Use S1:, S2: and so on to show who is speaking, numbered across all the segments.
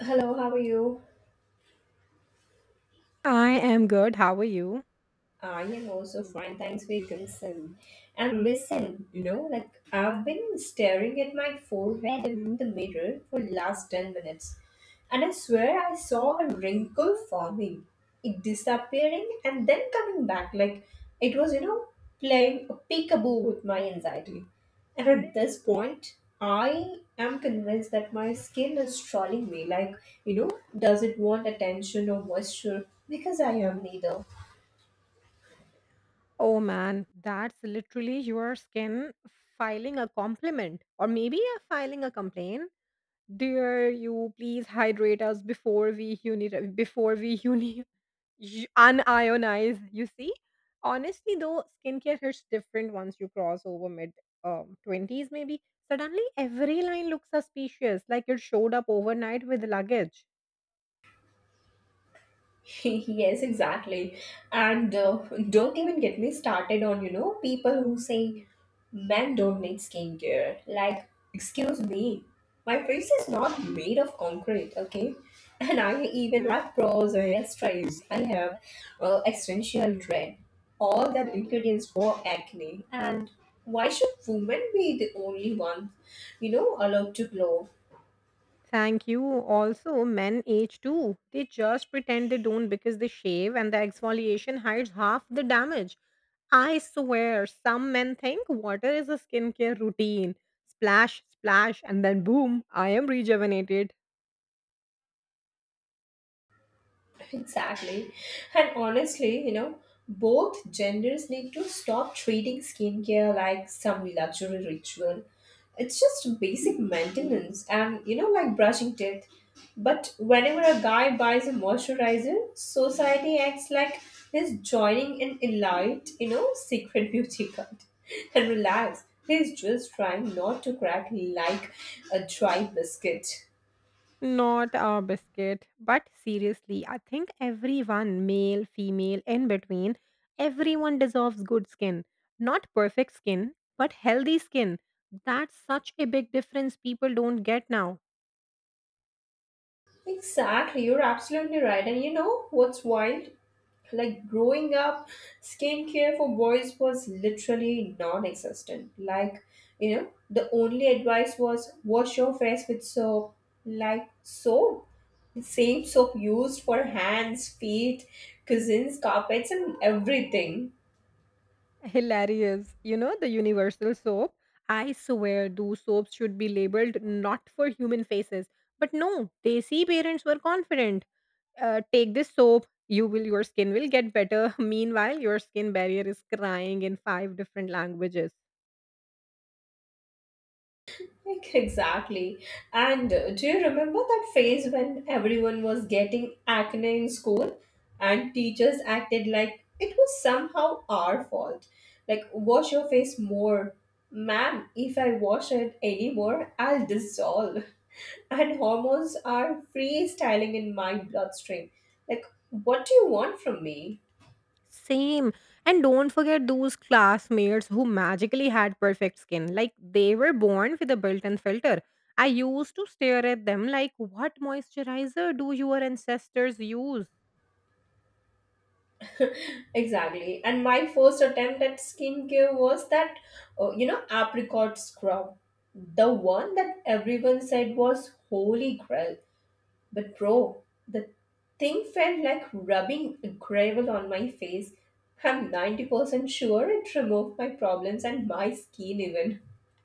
S1: Hello, how are you?
S2: I am good. How are you?
S1: I am also fine, thanks for your concern. And listen, you know, like I've been staring at my forehead in the mirror for the last 10 minutes, and I swear I saw a wrinkle forming, it disappearing and then coming back, like it was playing a peekaboo with my anxiety. And at this point, I am convinced that my skin is trolling me, like, you know, does it want attention or moisture? Because I am neither.
S2: Oh man, that's literally your skin filing a compliment or maybe a filing a complaint. Dear you, please hydrate us before we uni- before we uni- y- unionize. You see, honestly though, skincare hits different once you cross over mid twenties. Maybe suddenly every line looks suspicious, like it showed up overnight with luggage.
S1: Yes, exactly. And don't even get me started on, you know, people who say men don't need skincare. Like, excuse me, my face is not made of concrete, okay? And I even have pros I have stripes. I have essential dread, all that ingredients for acne. And why should women be the only ones, you know, allowed to glow?
S2: Thank you. Also, men age too. They just pretend they don't because they shave and the exfoliation hides half the damage. I swear, some men think water is a skincare routine. Splash, splash, and then boom, I am rejuvenated.
S1: Exactly. And honestly, you know, both genders need to stop treating skincare like some luxury ritual. It's just basic maintenance and, you know, like brushing teeth. But whenever a guy buys a moisturizer, society acts like he's joining an elite, you know, secret beauty cult. And relax, he's just trying not to crack like a dry biscuit.
S2: Not our biscuit. But seriously, I think everyone, male, female, in between, everyone deserves good skin. Not perfect skin, but healthy skin. That's such a big difference people don't get now.
S1: Exactly, you're absolutely right. And you know what's wild? Like growing up, skincare for boys was literally non existent. Like, you know, the only advice was wash your face with soap. Like, soap? The same soap used for hands, feet, cousins, carpets, and everything.
S2: Hilarious. You know, the universal soap? I swear those soaps should be labeled not for human faces. But no, Desi parents were confident. Take this soap, your skin will get better. Meanwhile, your skin barrier is crying in five different languages.
S1: Like, exactly. And do you remember that phase when everyone was getting acne in school and teachers acted like it was somehow our fault? Like, wash your face more. Ma'am, if I wash it anymore, I'll dissolve. And hormones are freestyling in my bloodstream. Like, what do you want from me?
S2: Same. And don't forget those classmates who magically had perfect skin. Like they were born with a built-in filter. I used to stare at them like, what moisturizer do your ancestors use?
S1: Exactly. And my first attempt at skincare was that, you know, apricot scrub. The one that everyone said was holy grail. But bro, the thing felt like rubbing gravel on my face. I'm 90% sure it removed my problems and my skin even.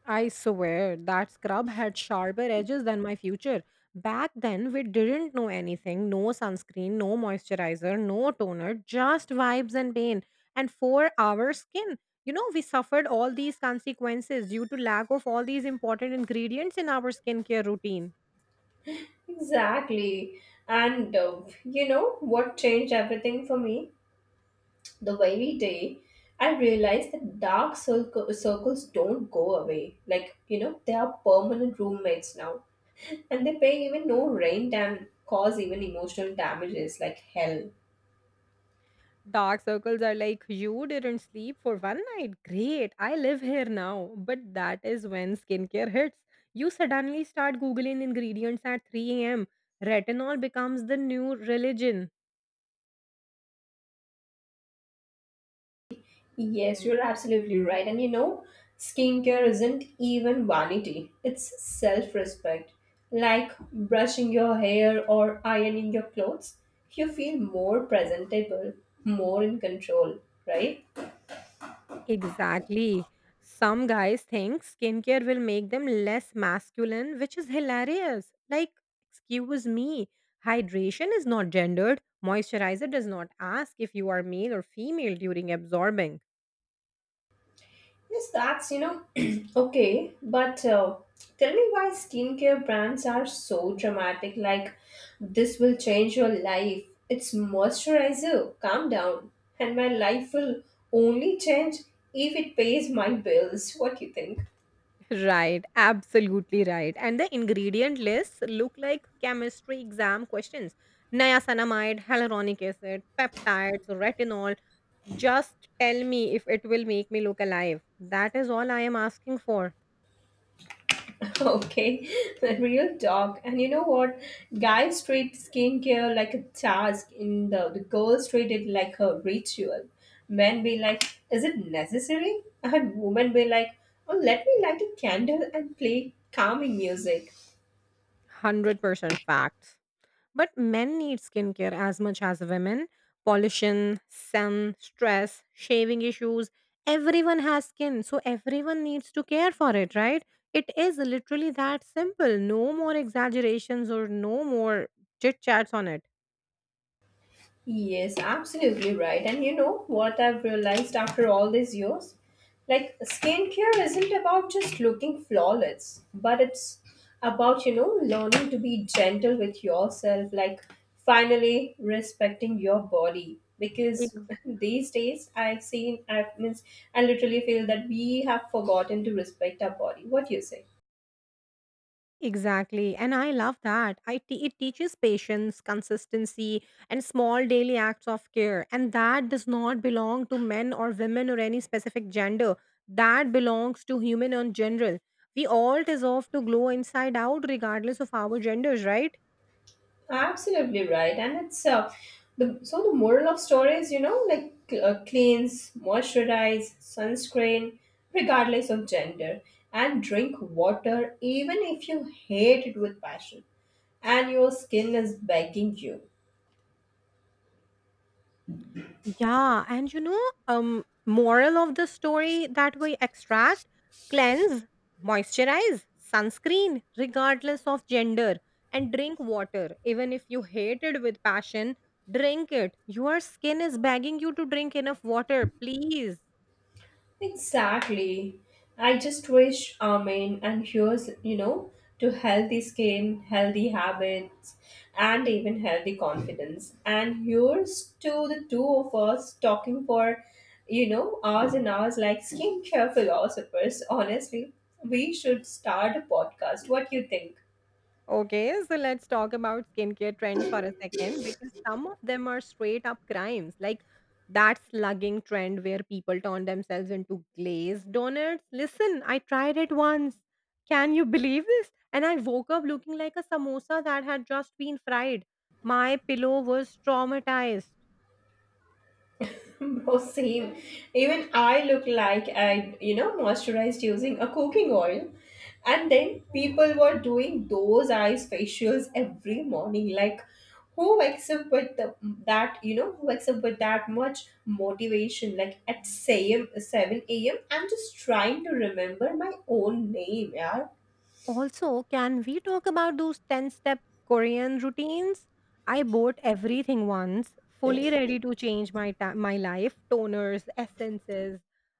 S2: I swear that scrub had sharper edges than my future. Back then, we didn't know anything, no sunscreen, no moisturizer, no toner, just vibes and pain. And for our skin, you know, we suffered all these consequences due to lack of all these important ingredients in our skincare routine.
S1: Exactly. And you know what changed everything for me? The very day I realized that circles don't go away. Like, you know, they are permanent roommates now. And they pay even no rain dam cause even emotional damages like hell.
S2: Dark circles are like, you didn't sleep for one night. Great, I live here now. But that is when skincare hits. You suddenly start Googling ingredients at 3 a.m. Retinol becomes the new religion.
S1: Yes, you're absolutely right. And you know, skincare isn't even vanity, it's self respect. Like brushing your hair or ironing your clothes, you feel more presentable, more in control, right?
S2: Exactly. Some guys think skincare will make them less masculine, which is hilarious. Like, excuse me, hydration is not gendered. Moisturizer does not ask if you are male or female during absorbing.
S1: Yes, that's, you know, okay, but tell me why skincare brands are so dramatic. Like, this will change your life. It's moisturizer. Calm down. And my life will only change if it pays my bills. What do you think?
S2: Right, absolutely right. And the ingredient lists look like chemistry exam questions. Niacinamide, hyaluronic acid, peptides, retinol. Just tell me if it will make me look alive. That is all I am asking for.
S1: Okay, the real talk. And you know what? Guys treat skincare like a task, in the girls treat it like a ritual. Men be like, is it necessary? And women be like, oh, let me light a candle and play calming music.
S2: 100% facts. But men need skincare as much as women. Pollution, sun, stress, shaving issues. Everyone has skin, so everyone needs to care for it, right? It is literally that simple. No more exaggerations or no more chit chats on it.
S1: Yes, absolutely right. And you know what I've realized after all these years? Like, skincare isn't about just looking flawless, but it's about, you know, learning to be gentle with yourself, like finally respecting your body. Because these days I've seen, I means I literally feel that we have forgotten to respect our body. What do you say?
S2: Exactly. And I love that. It teaches patience, consistency, and small daily acts of care. And that does not belong to men or women or any specific gender. That belongs to human in general. We all deserve to glow inside out regardless of our genders, right?
S1: Absolutely right, and it's the moral of stories, you know, like cleanse, moisturize, sunscreen, regardless of gender, and drink water even if you hate it with passion, and your skin is begging you.
S2: Yeah, and you know, moral of the story that we extract: cleanse, moisturize, sunscreen, regardless of gender, and drink water. Even if you hate it with passion, drink it. Your skin is begging you to drink enough water, please.
S1: Exactly. I just wish Amen and here's, you know, to healthy skin, healthy habits, and even healthy confidence. And here's to the two of us talking for, you know, hours and hours like skincare philosophers. Honestly, we should start a podcast. What do you think?
S2: Okay, so let's talk about skincare trends for a second because some of them are straight up crimes. Like that slugging trend where people turn themselves into glazed donuts. Listen, I tried it once. Can you believe this? And I woke up looking like a samosa that had just been fried. My pillow was traumatized.
S1: Bro, same. Even I look like I, you know, moisturized using a cooking oil. And then people were doing those eyes facials every morning. Like, who wakes up with you know, who wakes up with that much motivation? Like at 7 a.m., I'm just trying to remember my own name, yeah.
S2: Also, can we talk about those 10 step Korean routines? I bought everything once, fully ready to change my life, toners, essences,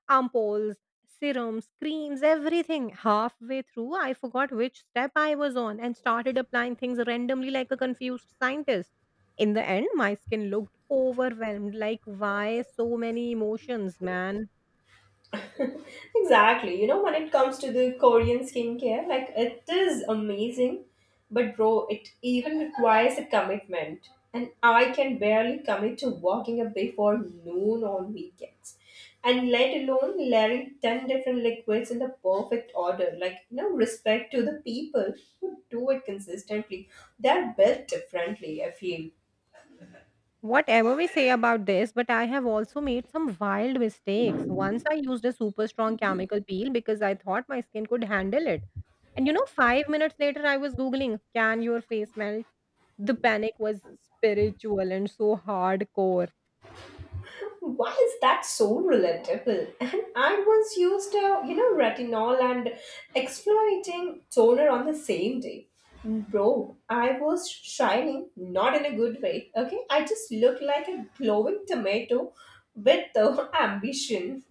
S2: ampoules, serums, creams, everything. Halfway through, I forgot which step I was on and started applying things randomly like a confused scientist. In the end, my skin looked overwhelmed like why so many emotions, man?
S1: Exactly. You know, when it comes to the Korean skincare, like it is amazing, but bro, it even requires a commitment. And I can barely commit to waking up before noon on weekends. And let alone layering 10 different liquids in the perfect order. Like, you know, respect to the people who do it consistently. They're built differently, I feel.
S2: Whatever we say about this, but I have also made some wild mistakes. Once I used a super strong chemical peel because I thought my skin could handle it. And you know, 5 minutes later, I was Googling, can your face melt? The panic was spiritual and so hardcore.
S1: And why is that so relatable? And I once used a, you know, retinol and exfoliating toner on the same day. Bro, I was shining, not in a good way. Okay, I just looked like a glowing tomato with the ambition.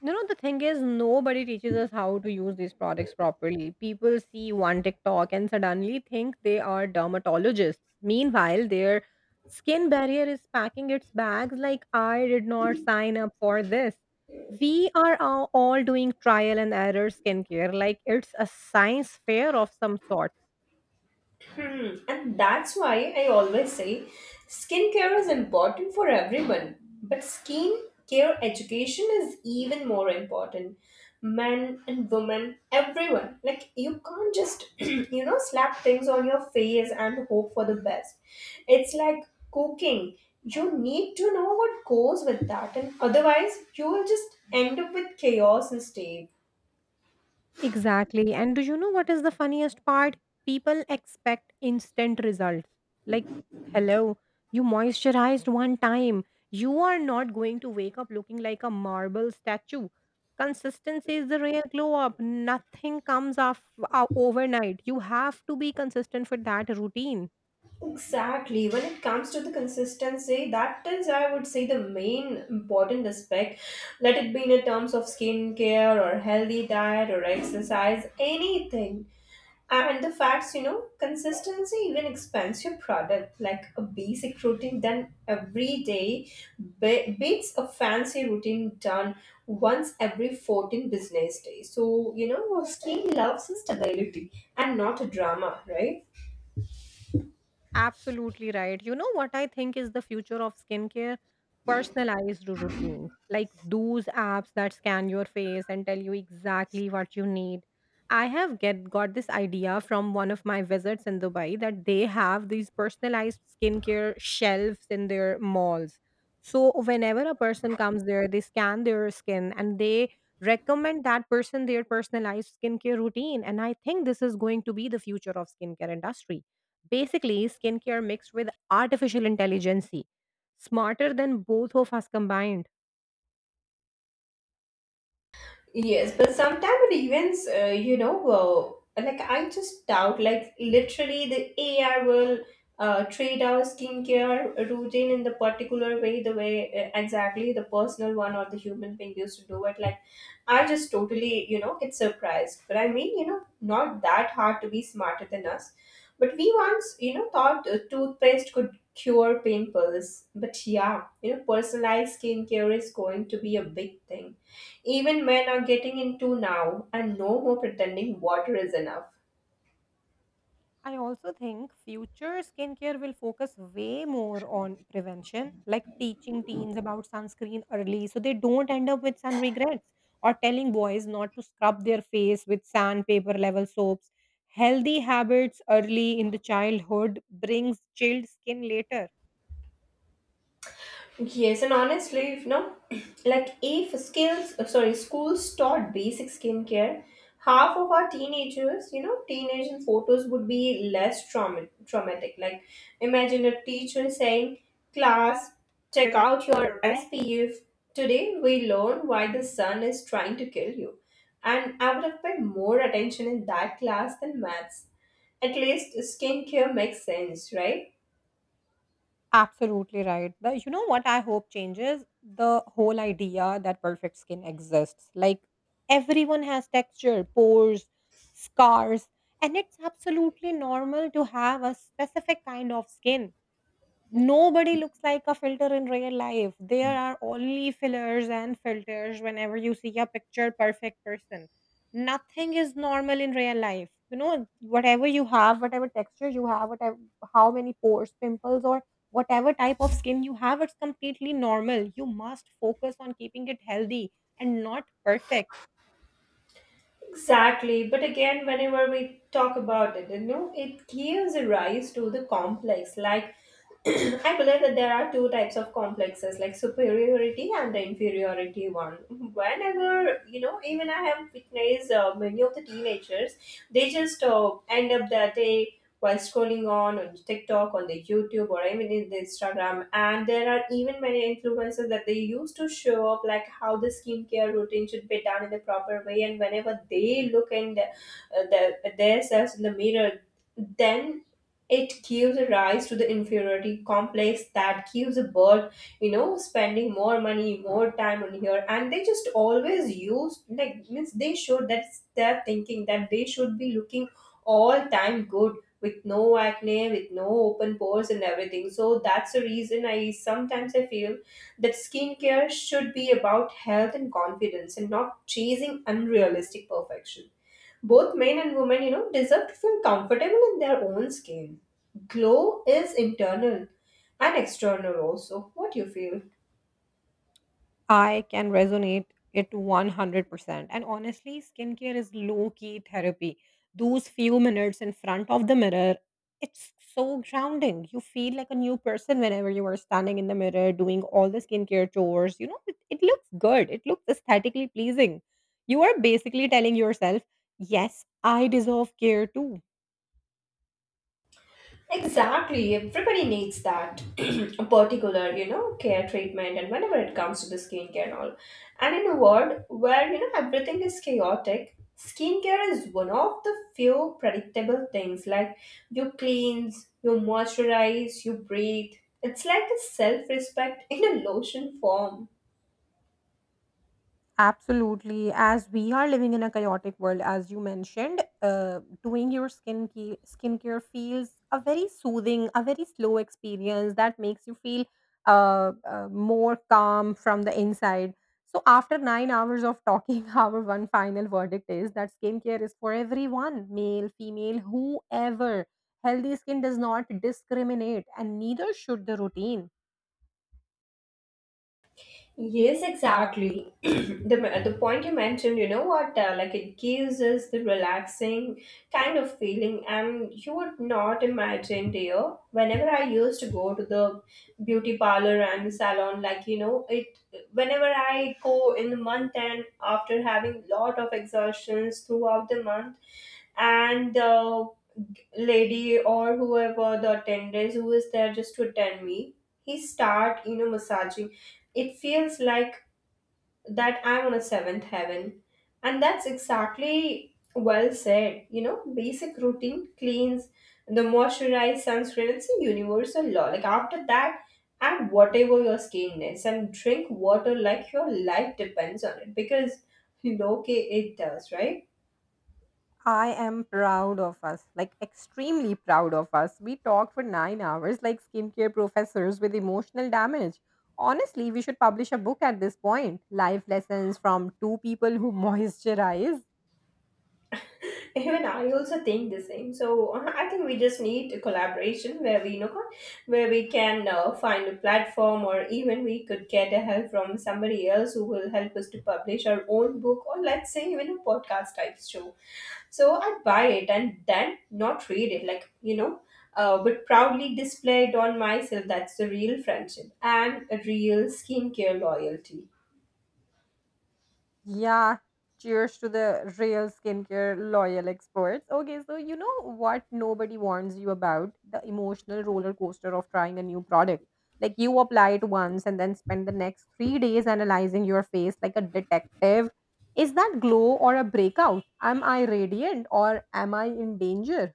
S2: You know, the thing is, nobody teaches us how to use these products properly. People see one TikTok and suddenly think they are dermatologists. Meanwhile, their skin barrier is packing its bags like, I did not sign up for this. We are all doing trial and error skincare like it's a science fair of some sort.
S1: Hmm. And that's why I always say skincare is important for everyone, but skincare education is even more important. Men and women, everyone. Like, you can't just, you know, slap things on your face and hope for the best. It's like cooking. You need to know what goes with that, and otherwise, you will just end up with chaos instead.
S2: Exactly. And do you know what is the funniest part? People expect instant results. Like, hello, you moisturized one time. You are not going to wake up looking like a marble statue. Consistency is the real glow up. Nothing comes off overnight. You have to be consistent for that routine.
S1: Exactly. When it comes to the consistency, that is, I would say, the main important aspect. Let it be in terms of skincare or healthy diet or exercise, anything. And the facts, you know, consistency even expands your product. Like a basic routine done every day beats a fancy routine done once every 14 business days. So, you know, your skin loves stability and not a drama, right?
S2: Absolutely right. You know what I think is the future of skincare? Personalized routines, like those apps that scan your face and tell you exactly what you need. I have get got this idea from one of my visits in Dubai that they have these personalized skincare shelves in their malls. So whenever a person comes there, they scan their skin and they recommend that person their personalized skincare routine. And I think this is going to be the future of skincare industry. Basically, skincare mixed with artificial intelligence, smarter than both of us combined.
S1: Yes, but sometimes it events, you know, like I just doubt, like literally the AI will treat our skincare routine in the particular way, the way exactly the personal one or the human being used to do it. Like, I just totally, you know, get surprised. But I mean, you know, not that hard to be smarter than us. But we once, you know, thought toothpaste could cure pimples. But yeah, you know, personalized skincare is going to be a big thing. Even men are getting into now, and no more pretending water is enough.
S2: I also think future skincare will focus way more on prevention, like teaching teens about sunscreen early so they don't end up with sun regrets, or telling boys not to scrub their face with sandpaper level soaps. Healthy habits early in the childhood brings chilled skin later.
S1: Yes, and honestly, if no, like if schools taught basic skincare, half of our teenagers, you know, teenage and photos would be less traumatic. Like, imagine a teacher saying, "Class, check out your SPF. Today we learn why the sun is trying to kill you," and I would have paid more attention in that class than maths. At least skincare makes sense, right?
S2: Absolutely right. You know what I hope changes? The whole idea that perfect skin exists. Like everyone has texture, pores, scars, and it's absolutely normal to have a specific kind of skin. Nobody looks like a filter in real life. There are only fillers and filters whenever you see a picture perfect person. Nothing is normal in real life. You know, whatever you have, whatever texture you have, whatever how many pores, pimples, or whatever type of skin you have, it's completely normal. You must focus on keeping it healthy and not perfect.
S1: Exactly, but again, whenever we talk about it, you know, it gives a rise to the complex. Like, I believe that there are two types of complexes, like superiority and the inferiority one. Whenever you know, even I have witnessed many of the teenagers, they just end up that they while scrolling on TikTok, on the YouTube, or even in the Instagram. And there are even many influencers that they use to show up like how the skincare routine should be done in the proper way. And whenever they look in themselves in the mirror, then it gives a rise to the inferiority complex that gives a bird, you know, spending more money more time on here, and they just always use like means they should, that's their thinking, that they should be looking all time good with no acne, with no open pores and everything. So that's the reason I sometimes I feel that skincare should be about health and confidence and not chasing unrealistic perfection. Both men and women, you know, deserve to feel comfortable in their own skin. Glow is internal and external also. What do you feel?
S2: I can resonate it 100%. And honestly, skincare is low key therapy. Those few minutes in front of the mirror, it's so grounding. You feel like a new person whenever you are standing in the mirror doing all the skincare chores. You know, it looks good, it looks aesthetically pleasing. You are basically telling yourself, yes, I deserve care too.
S1: Exactly. Everybody needs that a particular, you know, care treatment and whenever it comes to the skincare and all. And in a world where, you know, everything is chaotic, skincare is one of the few predictable things. Like you cleanse, you moisturize, you breathe. It's like a self-respect in a lotion form.
S2: Absolutely. As we are living in a chaotic world, as you mentioned, doing your skincare feels a very soothing, a very slow experience that makes you feel more calm from the inside. So, after 9 hours of talking, our one final verdict is that skincare is for everyone, male, female, whoever. Healthy skin does not discriminate, and neither should the routine.
S1: Yes, exactly. The point you mentioned, you know what? Like it gives us the relaxing kind of feeling, and you would not imagine, dear. Whenever I used to go to the beauty parlor and salon, like you know, it. Whenever I go in the month and after having lot of exhaustions throughout the month, and the lady or whoever the attendant who is there just to attend me, he start you know massaging. It feels like that I'm on a seventh heaven. And that's exactly well said. You know, basic routine cleans, the moisturized sunscreen, it's a universal law. Like after that, add whatever your skin needs and drink water like your life depends on it because you know, okay, it does, right?
S2: I am proud of us, like extremely proud of us. We talked for 9 hours like skincare professors with emotional damage. Honestly, we should publish a book at this point. Life lessons from two people who moisturize.
S1: Even I also think the same. I think we just need a collaboration where we where we can find a platform, or even we could get a help from somebody else who will help us to publish our own book, or let's say even a podcast type show. So I buy it and then not read it, like but proudly display it on myself. That's the real friendship and a real skincare loyalty.
S2: Yeah, cheers to the real skincare loyal experts. Okay, so you know what nobody warns you about? The emotional roller coaster of trying a new product. Like you apply it once and then spend the next 3 days analyzing your face like a detective. Is that glow or a breakout? Am I radiant or am I in danger?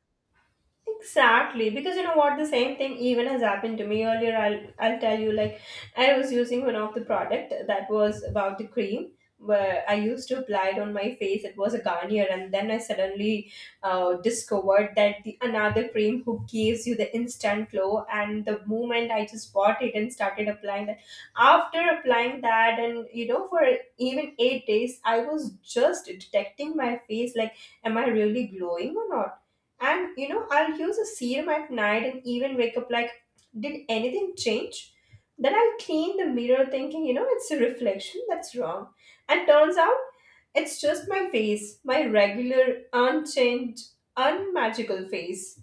S1: Exactly, because you know what, the same thing even has happened to me earlier. I'll tell you, like I was using one of the product that was about the cream, where I used to apply it on my face. It was a Garnier, and then I suddenly discovered that the another cream who gives you the instant glow. And the moment I just bought it and started applying that, after applying that, and you know, for even 8 days, I was just detecting my face, like, am I really glowing or not? And you know, I'll use a serum at night and even wake up like, did anything change? Then I'll clean the mirror thinking, you know, it's a reflection that's wrong. And turns out it's just my face, my regular, unchanged, unmagical face.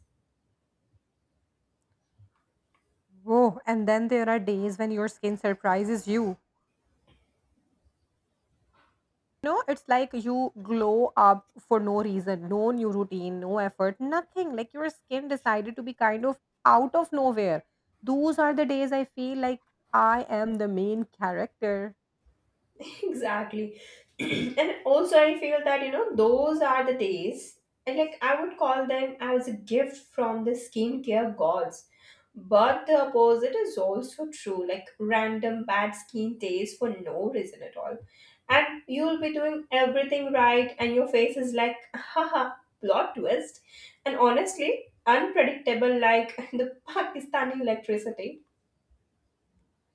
S2: Whoa, and then there are days when your skin surprises you. No, it's like you glow up for no reason, no new routine, no effort, nothing. Like your skin decided to be kind of out of nowhere. Those are the days I feel like I am the main character.
S1: Exactly. and also I feel that, you know, those are the days, and like I would call them as a gift from the skincare gods. But the opposite is also true, like random bad skin days for no reason at all. And you'll be doing everything right, and your face is like, haha, plot twist. And honestly unpredictable, like the Pakistani electricity.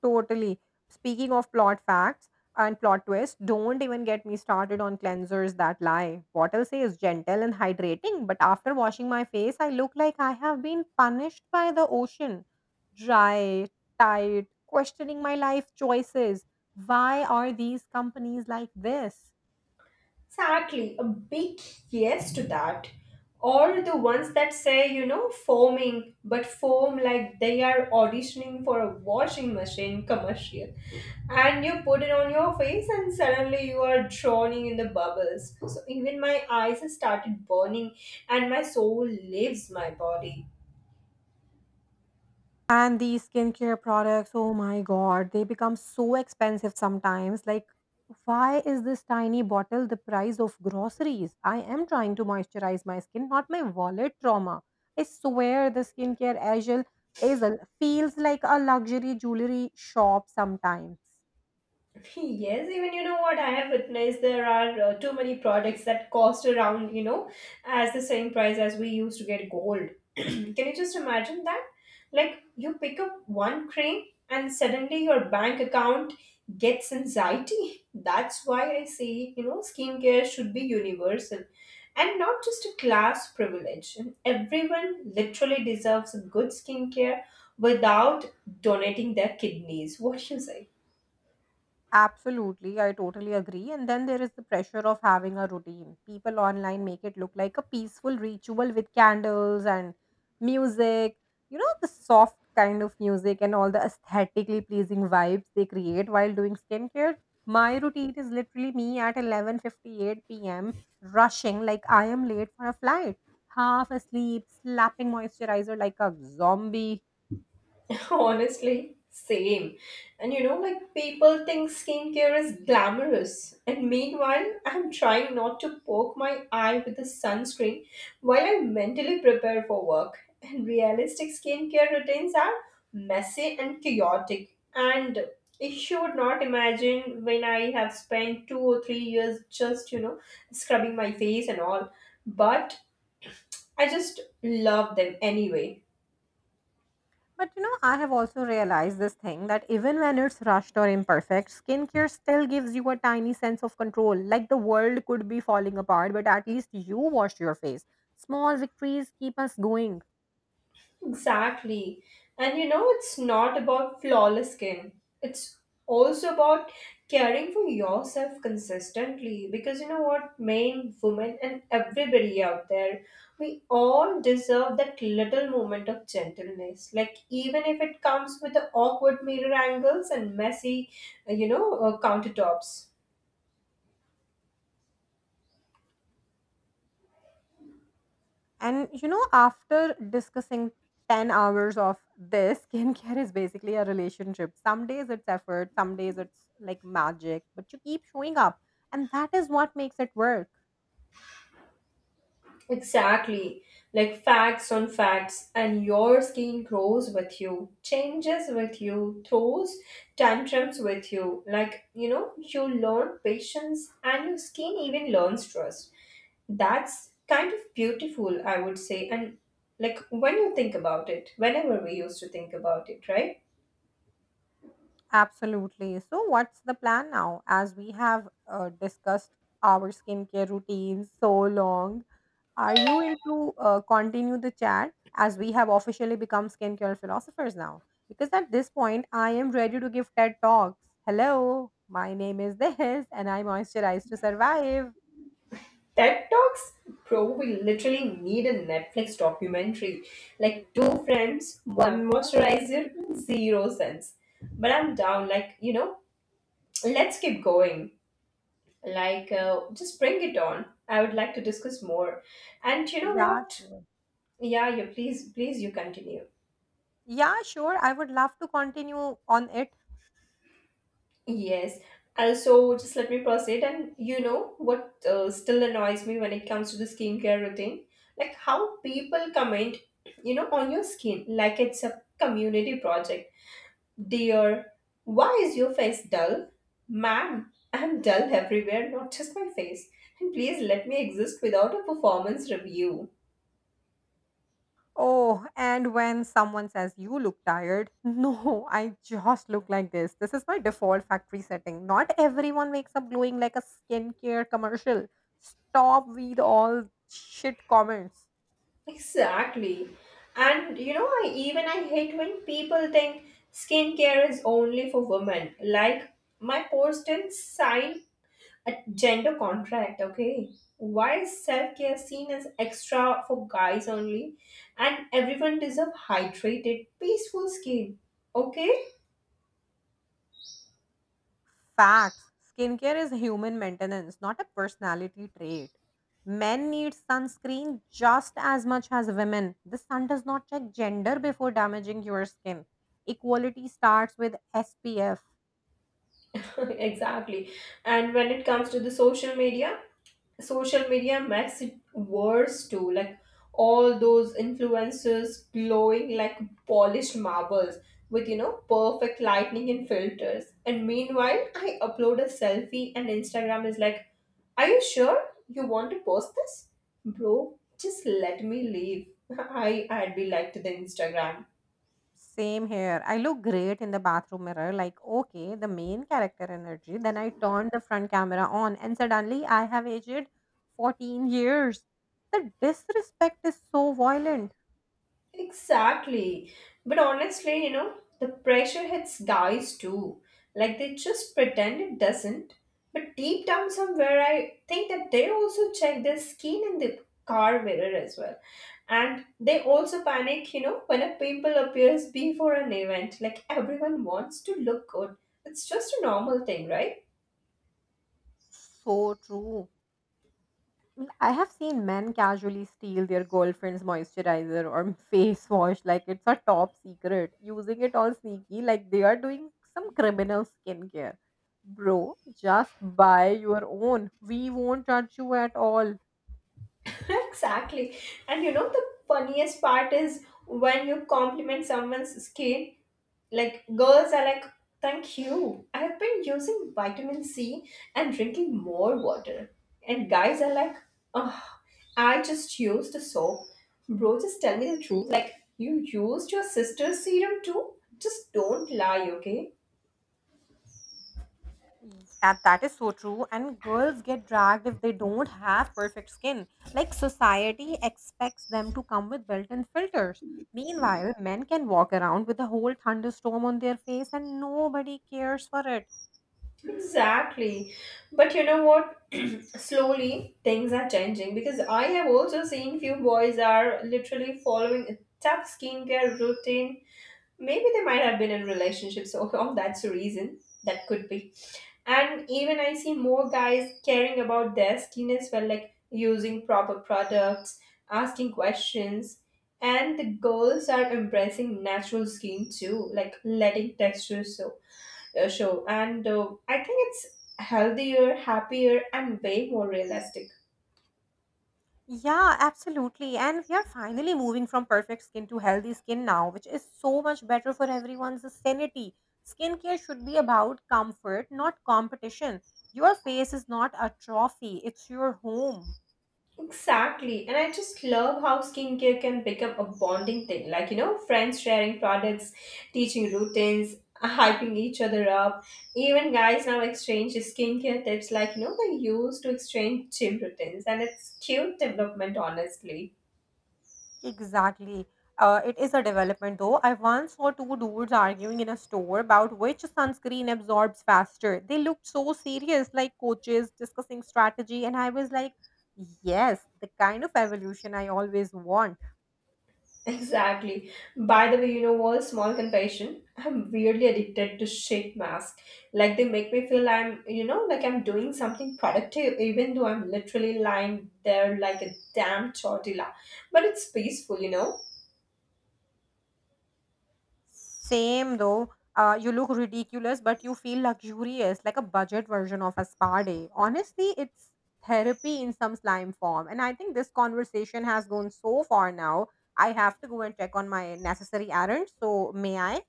S2: Totally. Speaking of plot facts and plot twists, don't even get me started on cleansers that lie. What I'll say is gentle and hydrating, but after washing my face, I look like I have been punished by the ocean. Dry, tight, questioning my life choices. Why are these companies like this?
S1: Exactly, a big yes to that. Or the ones that say, you know, foaming, but foam like they are auditioning for a washing machine commercial. And you put it on your face, and suddenly you are drowning in the bubbles. So even my eyes started burning, and my soul leaves my body.
S2: And these skincare products, oh my god, they become so expensive sometimes. Like, why is this tiny bottle the price of groceries? I am trying to moisturize my skin, not my wallet trauma. I swear the skincare aisle Azel feels like a luxury jewelry shop sometimes.
S1: Yes, even you know what I have witnessed, there are too many products that cost around, you know, as the same price as we used to get gold. Can you just imagine that? Like, you pick up one cream and suddenly your bank account gets anxiety. That's why I say, you know, skincare should be universal and not just a class privilege. And everyone literally deserves a good skincare without donating their kidneys. What do you say?
S2: Absolutely, I totally agree. And then there is the pressure of having a routine. People online make it look like a peaceful ritual with candles and music, you know, the soft kind of music and all the aesthetically pleasing vibes they create while doing skincare. My routine is literally me at 11:58 p.m. rushing like I am late for a flight, half asleep, slapping moisturizer like a zombie.
S1: Honestly, same. And you know, like people think skincare is glamorous. And meanwhile, I'm trying not to poke my eye with the sunscreen while I mentally prepare for work. And realistic skincare routines are messy and chaotic. And if you would not imagine when I have spent 2 or 3 years just, you know, scrubbing my face and all. But I just love them anyway.
S2: But you know, I have also realized this thing that even when it's rushed or imperfect, skincare still gives you a tiny sense of control. Like the world could be falling apart, but at least you washed your face. Small victories keep us going.
S1: Exactly. And you know, it's not about flawless skin. It's also about caring for yourself consistently, because you know what, men, women, and everybody out there, we all deserve that little moment of gentleness. Like, even if it comes with the awkward mirror angles and messy, countertops.
S2: And you know, after discussing 10 hours of this, skincare is basically a relationship. Some days it's effort, some days it's like magic, but you keep showing up. And that is what makes it work.
S1: Exactly. Like facts on facts, and your skin grows with you, changes with you, throws tantrums with you. Like, you know, you learn patience, and your skin even learns trust. That's kind of beautiful, I would say. And like when you think about it, whenever we used to think about it, right?
S2: Absolutely. So, what's the plan now? As we have discussed our skincare routines so long, are you into continue the chat as we have officially become skincare philosophers now? Because at this point, I am ready to give TED talks. Hello, my name is this, and I moisturize to survive.
S1: TED Talks, bro, we literally need a Netflix documentary. Like two friends, one moisturizer, 0 cents. But I'm down, like, you know, let's keep going. Like, just bring it on. I would like to discuss more. And you know
S2: Yeah,
S1: what?
S2: sure.
S1: Yeah, you please, please, you continue.
S2: Yeah, sure. I would love to continue on it.
S1: Yes. Also, just let me proceed. And you know what still annoys me when it comes to the skincare routine? Like how people comment, you know, on your skin like it's a community project. Dear, why is your face dull? Ma'am, I'm dull everywhere, not just my face. And please let me exist without a performance review.
S2: Oh, and when someone says you look tired, no, I just look like this. This is my default factory setting. Not everyone wakes up glowing like a skincare commercial. Stop with all shit comments.
S1: Exactly. And you know, I hate when people think skincare is only for women. Like my post didn't sign a gender contract, okay? Why is self-care seen as extra for guys only? And everyone deserve hydrated, peaceful skin. Okay?
S2: Facts. Skincare is human maintenance, not a personality trait. Men need sunscreen just as much as women. The sun does not check gender before damaging your skin. Equality starts with SPF.
S1: exactly. And when it comes to the social media makes it worse too. Like all those influencers glowing like polished marbles with, you know, perfect lighting and filters. And meanwhile, I upload a selfie and Instagram is like, "Are you sure you want to post this, bro? Just let me leave." I'd be like to the Instagram.
S2: Same here. I look great in the bathroom mirror, like, okay, the main character energy. Then I turn the front camera on, and suddenly I have aged 14 years. The disrespect is so violent.
S1: Exactly. But honestly, you know, the pressure hits guys too. Like they just pretend it doesn't. But deep down somewhere, I think that they also check their skin in the car mirror as well. And they also panic, you know, when a pimple appears before an event. Like everyone wants to look good. It's just a normal thing, right?
S2: So true. I have seen men casually steal their girlfriend's moisturizer or face wash like it's a top secret, using it all sneaky, like they are doing some criminal skincare. Bro, just buy your own. We won't judge you at all.
S1: Exactly. And you know, the funniest part is when you compliment someone's skin. Like girls are like, thank you. I have been using vitamin C and drinking more water. And guys are like, oh, I just used the soap. Bro, just tell me the truth. Like you used your sister's serum too. Just don't lie, okay?
S2: Yeah, that is so true. And girls get dragged if they don't have perfect skin. Like society expects them to come with built in filters. Meanwhile, men can walk around with a whole thunderstorm on their face and nobody cares for it.
S1: Exactly. But you know what? Slowly things are changing, because I have also seen few boys are literally following a tough skincare routine. Maybe they might have been in relationships, so oh, that's a reason. That could be. And even I see more guys caring about their skin as well, like using proper products, asking questions. And the girls are embracing natural skin too, like letting textures show. And I think it's healthier, happier, and way more realistic.
S2: Yeah, absolutely. And we are finally moving from perfect skin to healthy skin now, which is so much better for everyone's sanity. Skincare should be about comfort, not competition. Your face is not a trophy, it's your home.
S1: Exactly. And I just love how skincare can become a bonding thing. Like, you know, friends sharing products, teaching routines, hyping each other up. Even guys now exchange skincare tips, like, you know, they used to exchange gym routines. And it's cute development, honestly.
S2: Exactly. It is a development though. I once saw two dudes arguing in a store about which sunscreen absorbs faster. They looked so serious, like coaches discussing strategy, and I was like, yes, the kind of evolution I always want.
S1: Exactly. By the way, you know what? Small confession. I'm weirdly addicted to shit masks. Like they make me feel I'm, you know, like I'm doing something productive, even though I'm literally lying there like a damn tortilla. But it's peaceful, you know.
S2: Same though. You look ridiculous, but you feel luxurious, like a budget version of a spa day. Honestly, it's therapy in some slime form. And I think this conversation has gone so far now. I have to go and check on my necessary errands. So, may I?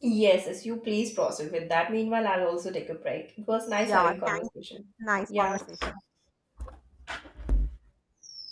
S1: Yes, yes. You please proceed with that. Meanwhile, I'll also take a break. It was nice
S2: Yeah,
S1: having
S2: thank you.
S1: conversation.
S2: Nice
S1: Yeah.
S2: conversation.